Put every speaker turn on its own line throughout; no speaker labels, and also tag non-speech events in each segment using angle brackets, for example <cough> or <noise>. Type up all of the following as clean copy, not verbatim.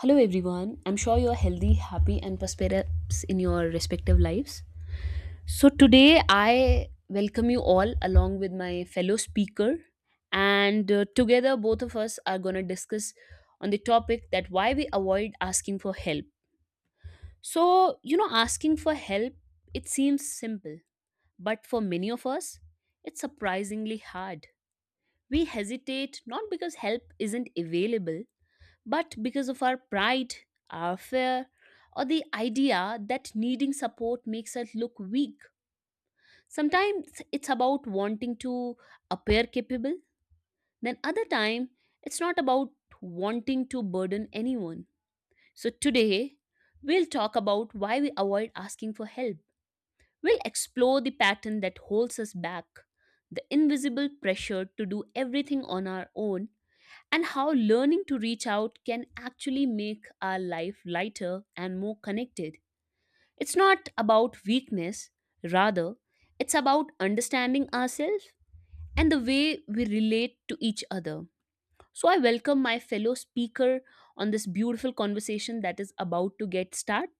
Hello, everyone. I'm sure you're healthy, happy, and prosperous in your respective lives. So, today I welcome you all along with my fellow speaker, and together both of us are going to discuss on the topic that why we avoid asking for help. So, asking for help, it seems simple, but for many of us, it's surprisingly hard. We hesitate not because help isn't available, but because of our pride, our fear, or the idea that needing support makes us look weak. Sometimes it's about wanting to appear capable, then other time it's not about wanting to burden anyone. So today we'll talk about why we avoid asking for help. We'll explore the pattern that holds us back, the invisible pressure to do everything on our own, and how learning to reach out can actually make our life lighter and more connected. It's not about weakness, rather, it's about understanding ourselves and the way we relate to each other. So, I welcome my fellow speaker on this beautiful conversation that is about to get started.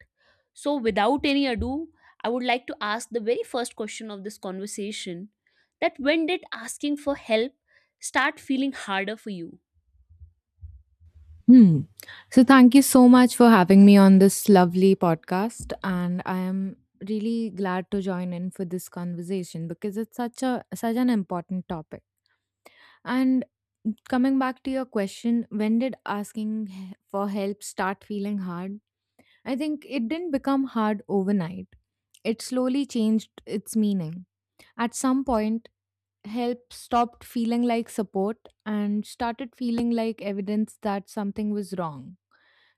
So, without any ado, I would like to ask the very first question of this conversation, that when did asking for help start feeling harder for you?
Hmm. So thank you so much for having me on this lovely podcast, and I am really glad to join in for this conversation because it's such an important topic. And coming back to your question, when did asking for help start feeling hard? I think it didn't become hard overnight. It slowly changed its meaning. At some point, help stopped feeling like support and started feeling like evidence that something was wrong.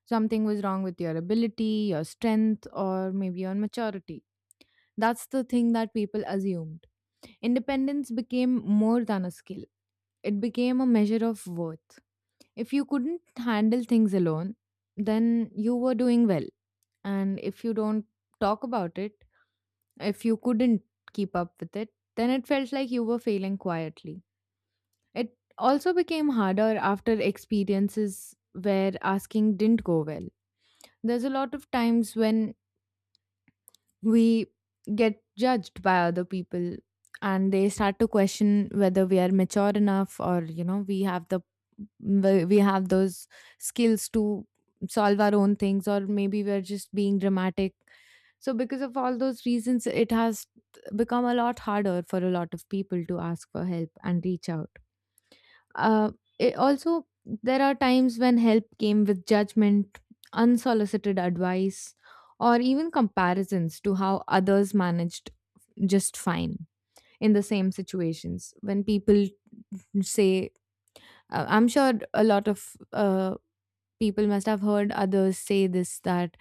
Something was wrong with your ability, your strength, or maybe your maturity. That's the thing that people assumed. Independence became more than a skill, it became a measure of worth. If you couldn't handle things alone, then you were doing well. And if you don't talk about it, if you couldn't keep up with it, then it felt like you were failing quietly. It also became harder after experiences where asking didn't go well. There's a lot of times when we get judged by other people, and they start to question whether we are mature enough, or you know we have the we have those skills to solve our own things, or maybe we're just being dramatic. So because of all those reasons, it has become a lot harder for a lot of people to ask for help and reach out. uh, it also, there are times when help came with judgment, unsolicited advice, or even comparisons to how others managed just fine in the same situations. When people say, I'm sure a lot of people must have heard others say this, that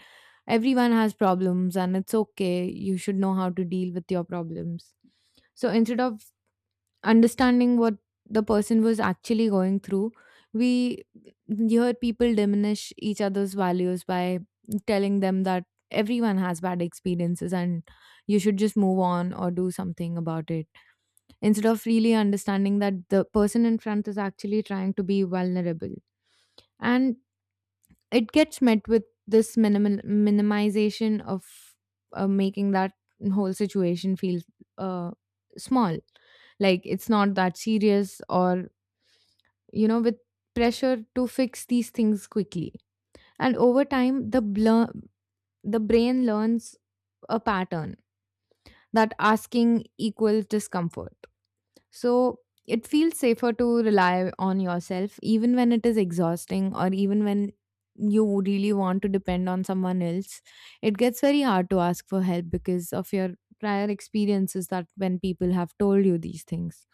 everyone has problems and it's okay, you should know how to deal with your problems. So instead of understanding what the person was actually going through, we hear people diminish each other's values by telling them that everyone has bad experiences and you should just move on or do something about it, instead of really understanding that the person in front is actually trying to be vulnerable, and it gets met with this minimal minimization of making that whole situation feel uh, small, like it's not that serious, or you know, with pressure to fix these things quickly. And over time, the brain learns a pattern that asking equals discomfort. So it feels safer to rely on yourself, even when it is exhausting, or even when you really want to depend on someone else. It gets very hard to ask for help because of your prior experiences, that when people have told you these things.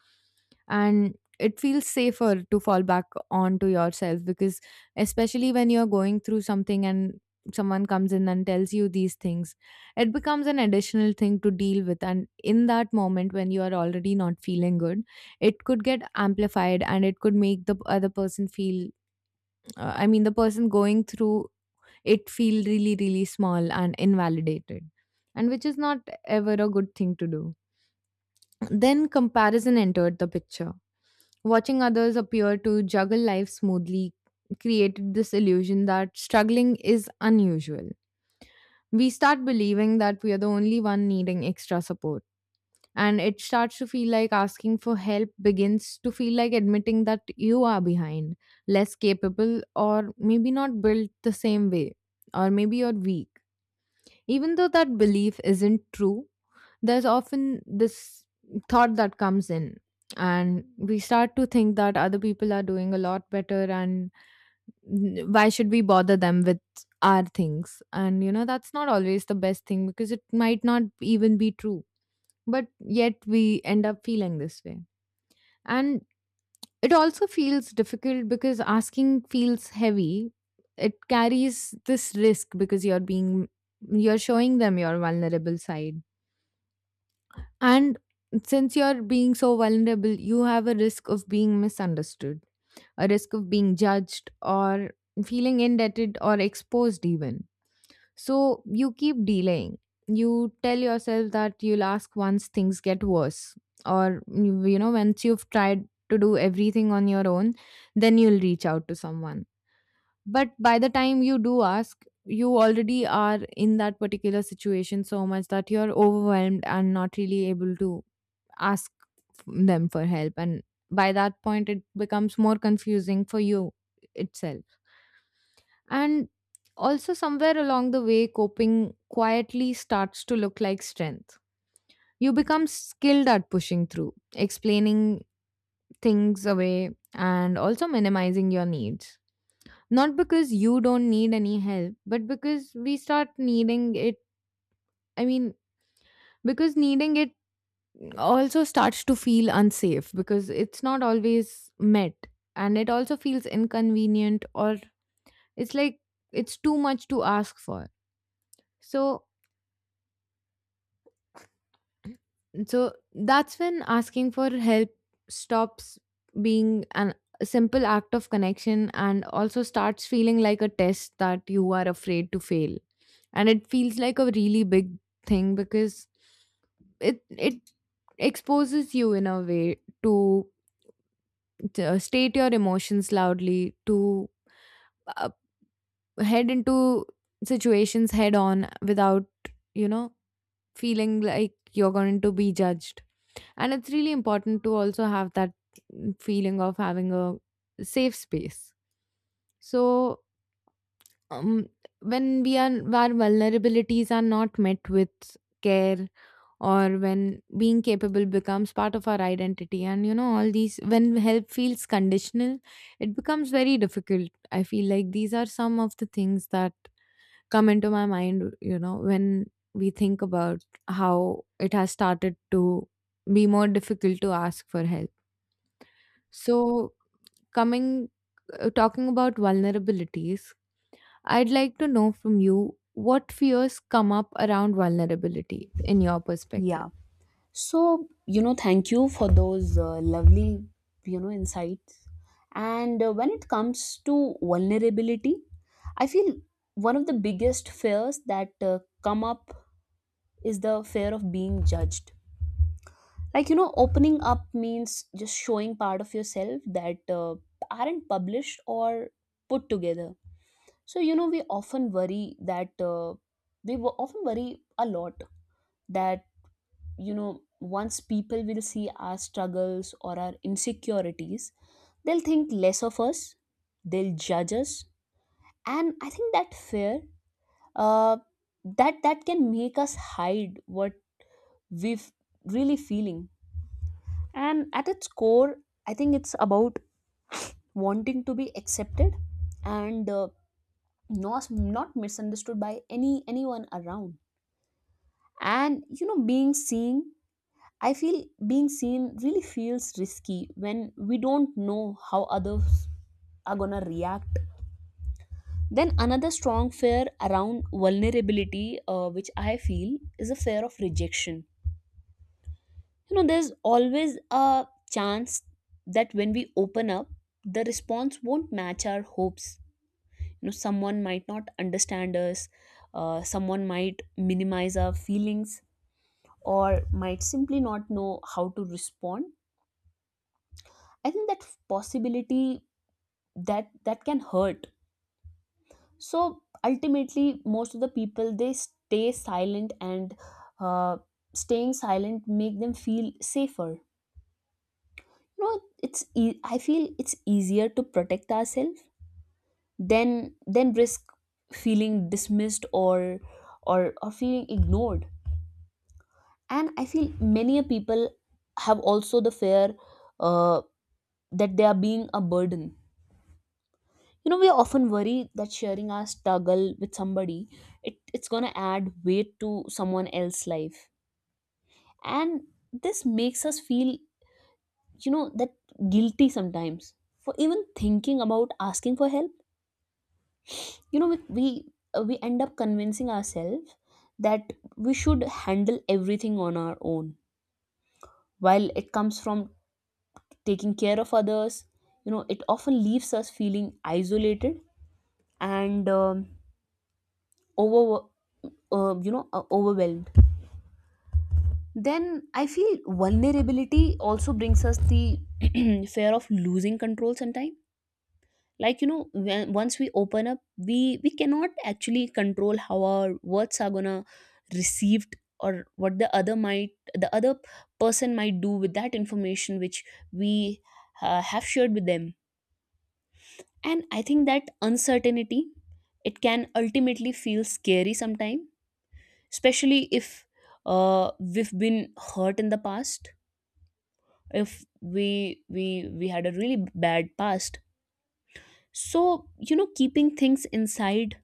And it feels safer to fall back onto yourself because, especially when you're going through something and someone comes in and tells you these things, it becomes an additional thing to deal with, and in that moment when you are already not feeling good, it could get amplified and it could make the other person feel, I mean, the person going through it, feel really really small and invalidated, and which is not ever a good thing to do. Then comparison entered the picture. Watching others appear to juggle life smoothly created this illusion that struggling is unusual. We start believing that we are the only one needing extra support, and it starts to feel like asking for help begins to feel like admitting that you are behind, less capable, or maybe not built the same way, or maybe you're weak. Even though that belief isn't true, there's often this thought that comes in, and we start to think that other people are doing a lot better, and why should we bother them with our things? And you know, that's not always the best thing, because it might not even be true, but yet we end up feeling this way. And it also feels difficult because asking feels heavy. It carries this risk because you're showing them your vulnerable side. And since you're being so vulnerable, you have a risk of being misunderstood, a risk of being judged, or feeling indebted or exposed, even. So you keep delaying. You tell yourself that you'll ask once things get worse, or you know, once you've tried to do everything on your own, then you'll reach out to someone. But by the time you do ask, you already are in that particular situation so much that you're overwhelmed and not really able to ask them for help. And by that point, it becomes more confusing for you itself. And also, somewhere along the way, coping quietly starts to look like strength. You become skilled at pushing through, explaining things away, and also minimizing your needs. Not because you don't need any help, but because we start needing it. I mean, because needing it also starts to feel unsafe because it's not always met, and it also feels inconvenient, or it's like it's too much to ask for. So So that's when asking for help stops being an a simple act of connection and also starts feeling like a test that you are afraid to fail. And it feels like a really big thing because it exposes you in a way to, to state your emotions loudly, to uh, head into situations head on without, you know, feeling like you're going to be judged. And it's really important to also have that feeling of having a safe space. So, um, when we are, our vulnerabilities are not met with care, or when being capable becomes part of our identity, and you know, all these, when help feels conditional, it becomes very difficult. I feel like these are some of the things that come into my mind, you know, when we think about how it has started to be more difficult to ask for help. So, coming talking about vulnerabilities, I'd like to know from you, what fears come up around vulnerability in your perspective?
Yeah. So, thank you for those lovely, insights. And when it comes to vulnerability, I feel one of the biggest fears that come up is the fear of being judged. Like, opening up means just showing part of yourself that aren't published or put together. So, we often worry that often worry a lot that, once people will see our struggles or our insecurities, they'll think less of us, they'll judge us. And I think that fear, uh, that can make us hide what we've really feeling. And at its core, I think it's about wanting to be accepted, and not misunderstood by anyone around. And being seen, I feel being seen really feels risky when we don't know how others are gonna react. Then, another strong fear around vulnerability, which I feel is a fear of rejection. There's always a chance that when we open up, the response won't match our hopes. Someone might not understand us, someone might minimize our feelings, or might simply not know how to respond. I think that possibility, that can hurt. So ultimately, most of the people, they stay silent, and uh, staying silent make them feel safer. No it's e- I feel it's easier to protect ourselves than risk feeling dismissed or feeling ignored. And I feel many a people have also the fear, uh, that they are being a burden. We often worry that sharing our struggle with somebody, it's going to add weight to someone else's life. And this makes us feel, that, guilty sometimes, for even thinking about asking for help. you know we we, we end up convincing ourselves that we should handle everything on our own, while it comes from taking care of others. It often leaves us feeling isolated and, over overwhelmed. Then I feel vulnerability also brings us the <clears throat> fear of losing control sometime. Like, once we open up, we cannot actually control how our words are gonna received, or what the other person might do with that information, which we, have shared with them. And I think that uncertainty, it can ultimately feel scary sometime, especially if, we've been hurt in the past, if we had a really bad past. So keeping things inside,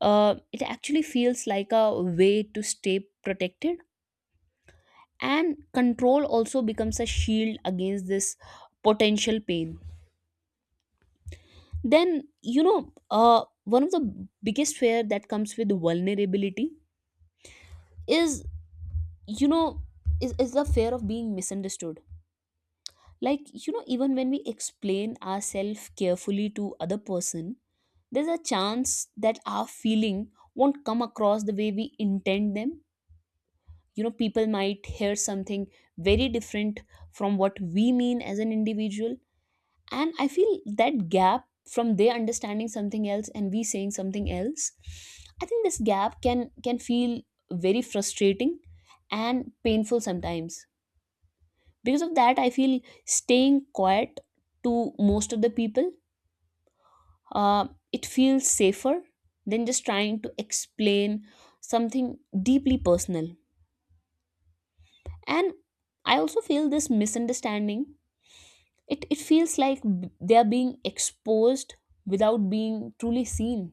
it actually feels like a way to stay protected, and control also becomes a shield against this potential pain. Then, one of the biggest fear that comes with vulnerability is you know is the fear of being misunderstood. Like, even when we explain ourselves carefully to other person, there's a chance that our feeling won't come across the way we intend them. People might hear something very different from what we mean as an individual. And I feel that gap, from their understanding something else and we saying something else, I think this gap can feel very frustrating and painful sometimes. Because of that, I feel staying quiet to most of the people, uh, it feels safer than just trying to explain something deeply personal. And I also feel this misunderstanding, it feels like, they are being exposed without being truly seen,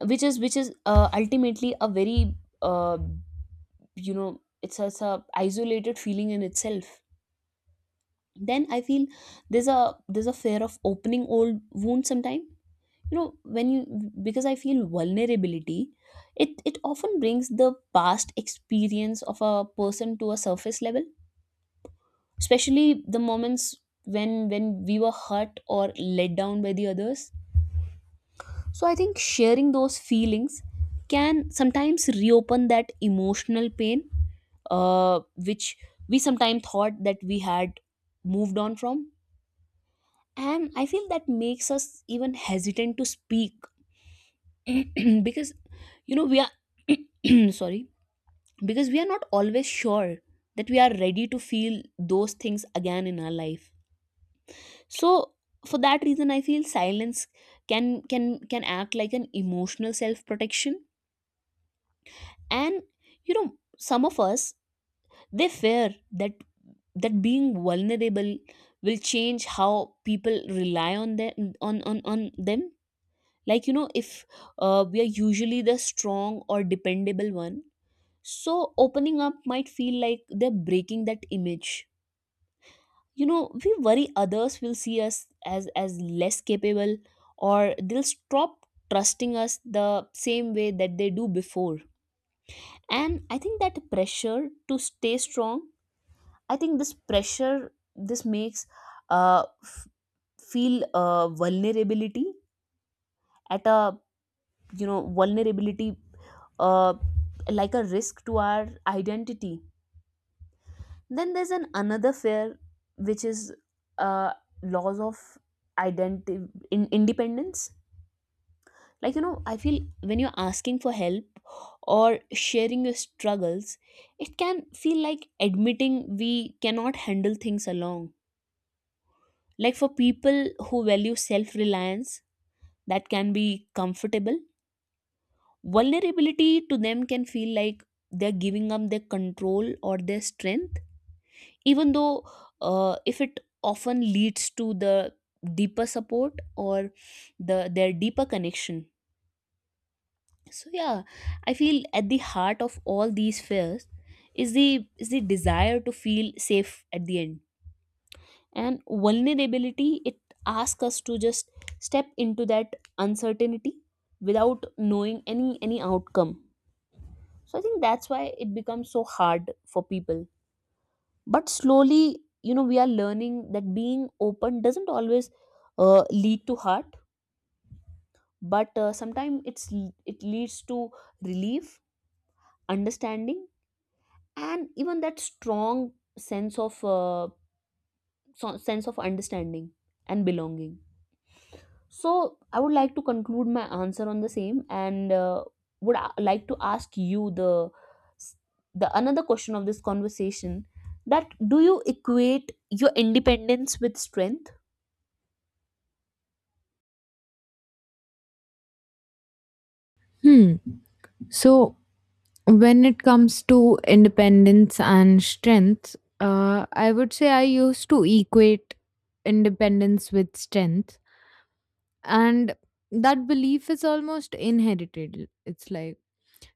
which is, ultimately, a very uh, you know it's a isolated feeling in itself. Then I feel there's a there's a fear of opening old wounds sometimes. When you because I feel vulnerability, it often brings the past experience of a person to a surface level, especially the moments when we were hurt or let down by the others. So I think sharing those feelings can sometimes reopen that emotional pain, which we sometimes thought that we had moved on from. And I feel that makes us even hesitant to speak <clears throat> because we are <clears throat> sorry, because we are not always sure that we are ready to feel those things again in our life. So for that reason, I feel silence can can can act like an emotional self protection. And you know some of us, they fear that that being vulnerable will change how people rely on them. Like, if, we are usually the strong or dependable one, so opening up might feel like they're breaking that image. We worry others will see us as less capable, or they'll stop trusting us the same way that they do before. And I think that pressure to stay strong, I think this pressure, this makes, uh f- feel, vulnerability at a, vulnerability, uh like a risk to our identity. Then there's an another fear, which is, uh loss of identity in independence. Like, I feel when you're asking for help or sharing your struggles, it can feel like admitting we cannot handle things alone, like for people who value self-reliance, that can be comfortable. Vulnerability to them can feel like they're giving up their control or their strength, even though, if it often leads to the deeper support or their deeper connection. So yeah, I feel at the heart of all these fears is the is the desire to feel safe at the end. And vulnerability, it asks us to just step into that uncertainty without knowing any outcome. So I think that's why it becomes so hard for people, but slowly, we are learning that being open doesn't always, lead to hurt, but, sometimes, it leads to relief, understanding, and even that strong sense of uh, sense of understanding and belonging. So I would like to conclude my answer on the same, and, would, like to ask you the another question of this conversation, that do you equate your independence with strength?
Hmm. So, when it comes to independence and strength, I would say I used to equate independence with strength, and that belief is almost inherited. It's like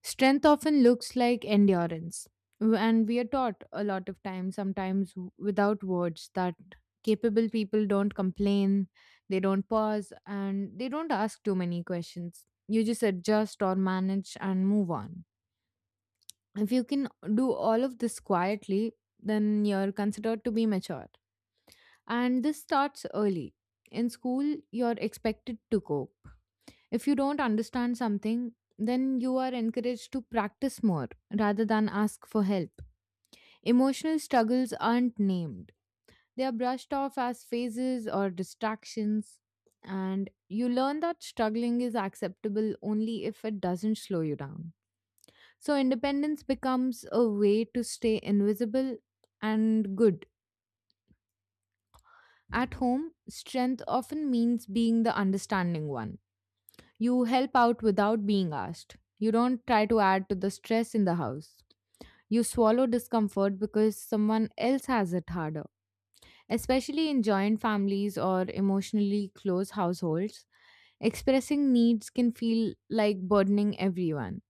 strength often looks like endurance, and we are taught a lot of times, sometimes without words, that capable people don't complain, they don't pause, and they don't ask too many questions. You just adjust or manage and move on. If you can do all of this quietly, then you're considered to be mature. And this starts early. In school, you're expected to cope. If you don't understand something, then you are encouraged to practice more rather than ask for help. Emotional struggles aren't named, they are brushed off as phases or distractions. And you learn that struggling is acceptable only if it doesn't slow you down. So, independence becomes a way to stay invisible and good. At home, strength often means being the understanding one. You help out without being asked. You don't try to add to the stress in the house. You swallow discomfort because someone else has it harder. Especially in joint families or emotionally close households, expressing needs can feel like burdening everyone.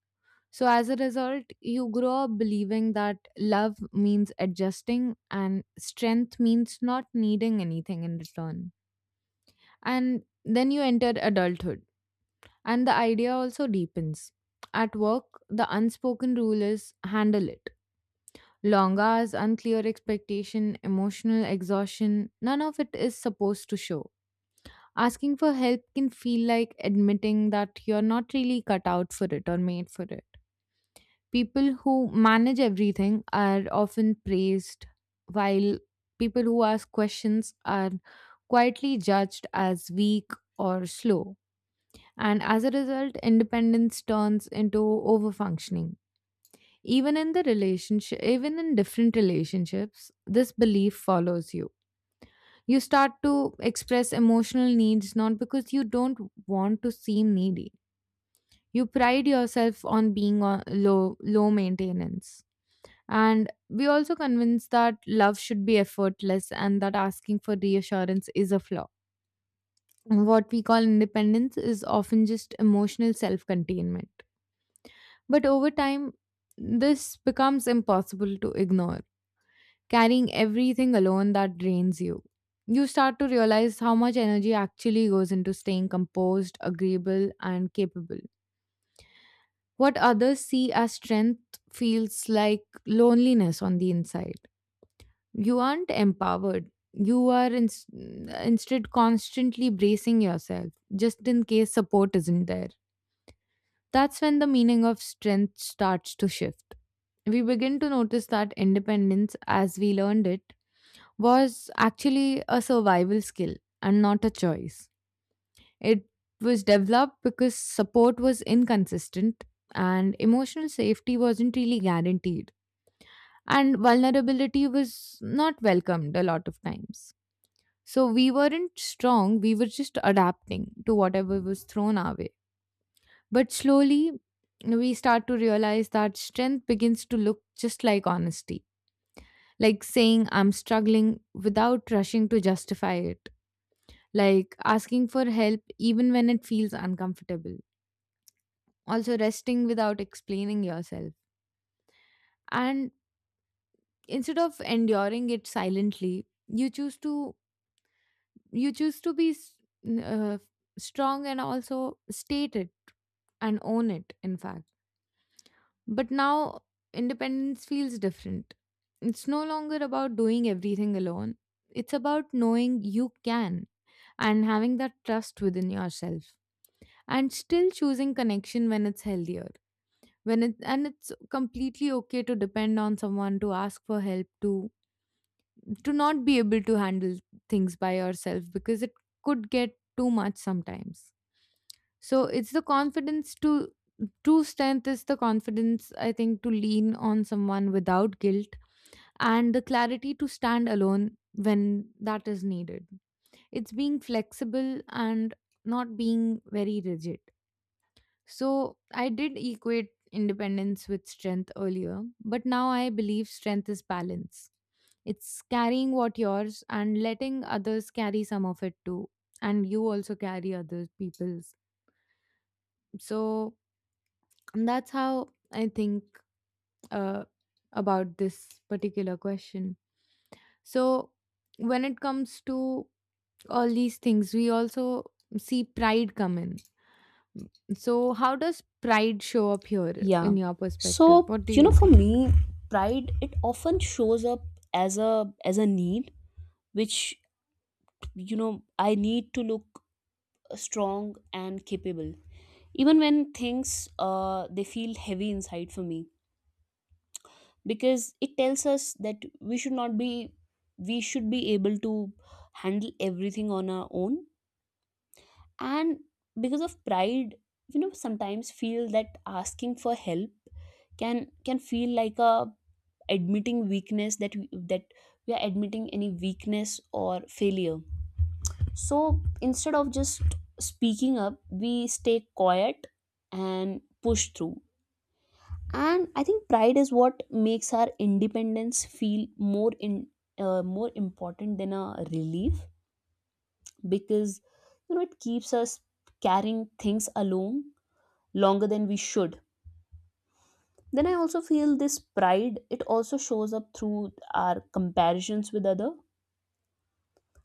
So, as a result, you grow up believing that love means adjusting and strength means not needing anything in return. And then you enter adulthood, and the idea also deepens. At work, the unspoken rule is handle it. Long hours, unclear expectation, emotional exhaustion, none of it is supposed to show. Asking for help can feel like admitting that you're not really cut out for it or made for it. People who manage everything are often praised, while people who ask questions are quietly judged as weak or slow. And as a result, independence turns into overfunctioning. Even in the relationship, even in different relationships, this belief follows you. You start to express emotional needs, not because you don't want to seem needy. You pride yourself on being on low maintenance. And we also convince that love should be effortless and that asking for reassurance is a flaw. What we call independence is often just emotional self containment. But over time, this becomes impossible to ignore, carrying everything alone that drains you. You start to realize how much energy actually goes into staying composed, agreeable, and capable. What others see as strength feels like loneliness on the inside. You aren't empowered. You are instead constantly bracing yourself just in case support isn't there. That's when the meaning of strength starts to shift. We begin to notice that independence, as we learned it, was actually a survival skill and not a choice. It was developed because support was inconsistent and emotional safety wasn't really guaranteed, and vulnerability was not welcomed a lot of times. So we weren't strong, we were just adapting to whatever was thrown our way. But slowly, we start to realize that strength begins to look just like honesty, like saying I'm struggling without rushing to justify it, like asking for help even when it feels uncomfortable, also resting without explaining yourself. And instead of enduring it silently, you choose to be n- uh, strong and also state it and own it, in fact. But now independence feels different. It's no longer about doing everything alone. It's about knowing you can, and having that trust within yourself, and still choosing connection when it's healthier. When it And it's completely okay to depend on someone, to ask for help, to not be able to handle things by yourself, because it could get too much sometimes. So it's the confidence to True strength is the confidence, I think, to lean on someone without guilt, and the clarity to stand alone when that is needed. It's being flexible and not being very rigid. So I did equate independence with strength earlier, but now I believe strength is balance. It's carrying what yours and letting others carry some of it too. And you also carry other people's. So that's how I think uh, about this particular question. So when it comes to all these things, we also see pride come in. So, how does pride show up here
Yeah.
in your perspective?
So,
What do you
for
think?
me, pride, it often shows up as a need, which, I need to look strong and capable. Even when things, they feel heavy inside for me, because it tells us that we should not be, we should be able to handle everything on our own. And because of pride, sometimes feel that asking for help can feel like a, admitting weakness, that we are admitting any weakness or failure. So instead of just speaking up, we stay quiet and push through. And I think pride is what makes our independence feel more important than a relief, because it keeps us carrying things alone longer than we should. Then I also feel this pride, it also shows up through our comparisons with other,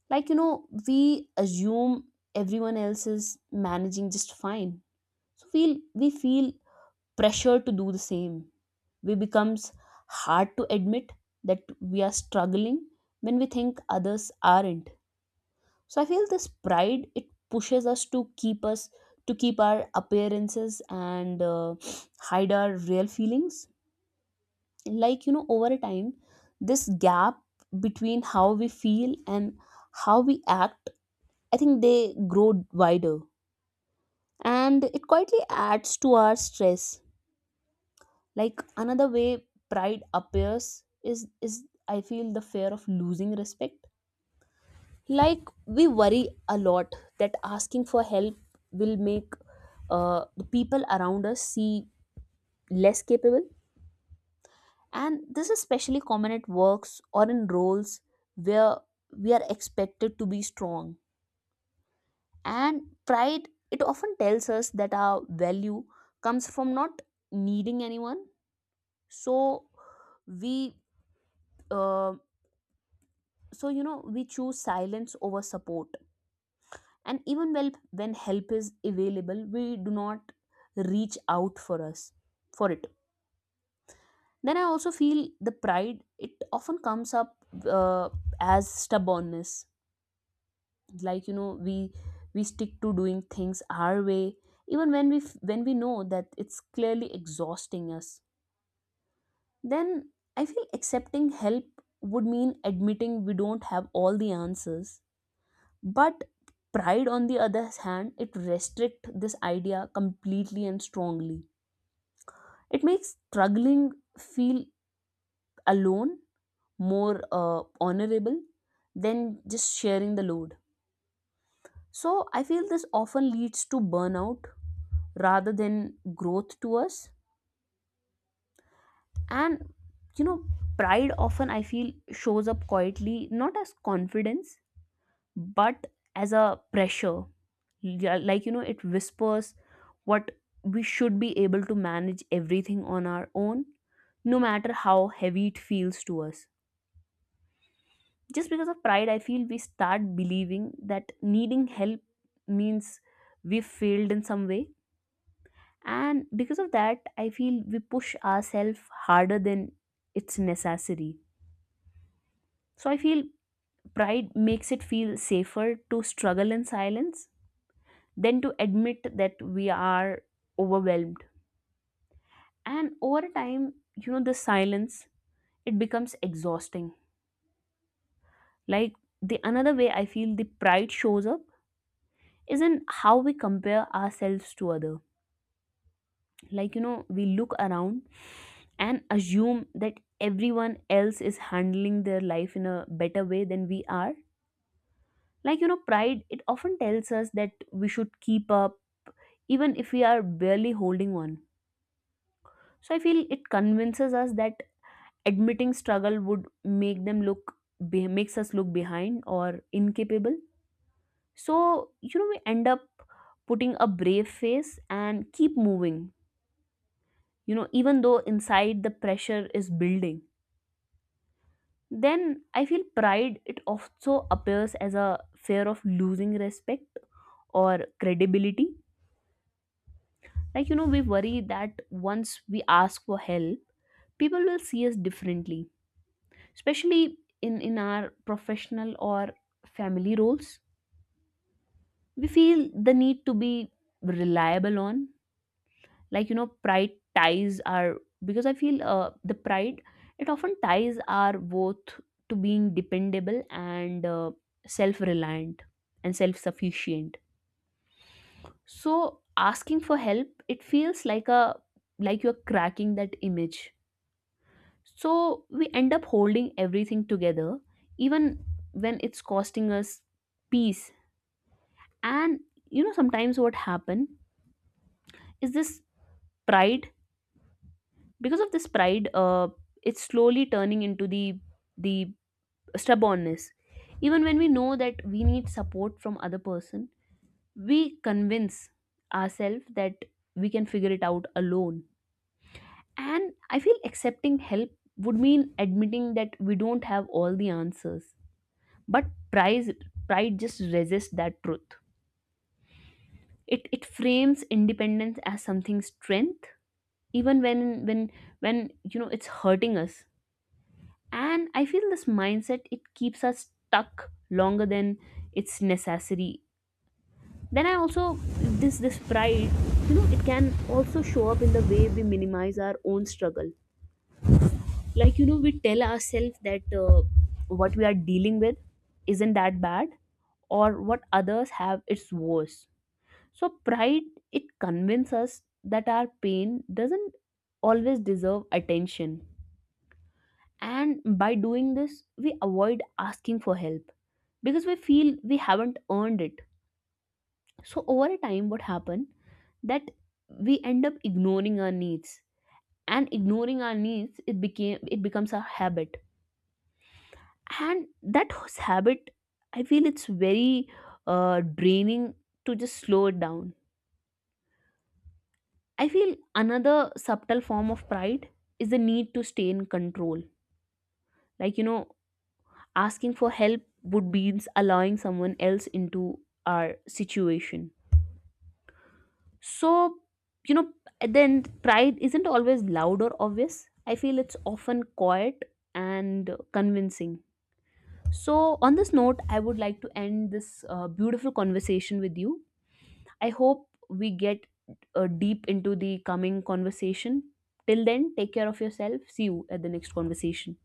like, we assume everyone else is managing just fine, so we feel pressure to do the same. We becomes hard to admit that we are struggling when we think others aren't. So I feel this pride, it pushes us to keep our appearances and, hide our real feelings. Like, over a time, this gap between how we feel and how we act, I think they grow wider, and it quietly adds to our stress. Like another way pride appears is is I feel the fear of losing respect. Like we worry a lot that asking for help will make the people around us see less capable, and this is especially common at works or in roles where we are expected to be strong. And pride, it often tells us that our value comes from not needing anyone. So we uh, we choose silence over support, and even well, when help is available, we do not reach out for us for it. Then I also feel the pride, it often comes up uh, as stubbornness. Like, you know, we stick to doing things our way even when when we know that it's clearly exhausting us. Then I feel accepting help would mean admitting we don't have all the answers, but pride, on the other hand, it restrict this idea completely and strongly. It makes struggling feel alone, more honorable than just sharing the load. So I feel this often leads to burnout rather than growth to us. And you know, pride often, I feel, shows up quietly, not as confidence but as a pressure. Yeah, like you know, it whispers what we should be able to manage everything on our own, no matter how heavy it feels to us. Just because of pride, I feel we start believing that needing help means we failed in some way, and because of that, I feel we push ourselves harder than it's necessary. So I feel pride makes it feel safer to struggle in silence than to admit that we are overwhelmed. And over time, you know, the silence, it becomes exhausting. Like, the another way I feel the pride shows up is in how we compare ourselves to other. Like, you know, we look around and assume that everyone else is handling their life in a better way than we are. Like, you know, pride, it often tells us that we should keep up even if we are barely holding on. So I feel it convinces us that admitting struggle would make them look makes us look behind or incapable. So you know, we end up putting a brave face and keep moving, you know, even though inside the pressure is building. Then I feel pride, it also appears as a fear of losing respect or credibility. Like, you know, we worry that once we ask for help, people will see us differently, especially in our professional or family roles. We feel the need to be reliable on. Like, you know, pride ties are, because I feel the pride, it often ties are both to being dependable and, self-reliant and self-sufficient. So asking for help, it feels like a, like you're cracking that image. So we end up holding everything together even when it's costing us peace. And you know, sometimes what happen is this pride, because of this pride, it's slowly turning into the stubbornness. Even when we know that we need support from other person, we convince ourselves that we can figure it out alone. And I feel accepting help would mean admitting that we don't have all the answers, but pride pride just resists that truth. It frames independence as something strength, even when when you know it's hurting us. And I feel this mindset, it keeps us stuck longer than it's necessary. Then I also, this pride, you know, it can also show up in the way we minimize our own struggle. Like, you know, we tell ourselves that what we are dealing with isn't that bad, or what others have, it's worse. So pride, it convinces us that our pain doesn't always deserve attention. And by doing this, we avoid asking for help because we feel we haven't earned it. So, over a time, what happened that we end up ignoring our needs, and ignoring our needs, it became it becomes a habit, and that habit, I feel it's very draining to just slow it down. I feel another subtle form of pride is the need to stay in control. Like you know, asking for help would means allowing someone else into our situation. So you know, then pride isn't always loud or obvious, I feel it's often quiet and convincing. So on this note, I would like to end this beautiful conversation with you. I hope we get deep into the coming conversation. Till then, take care of yourself. See you at the next conversation.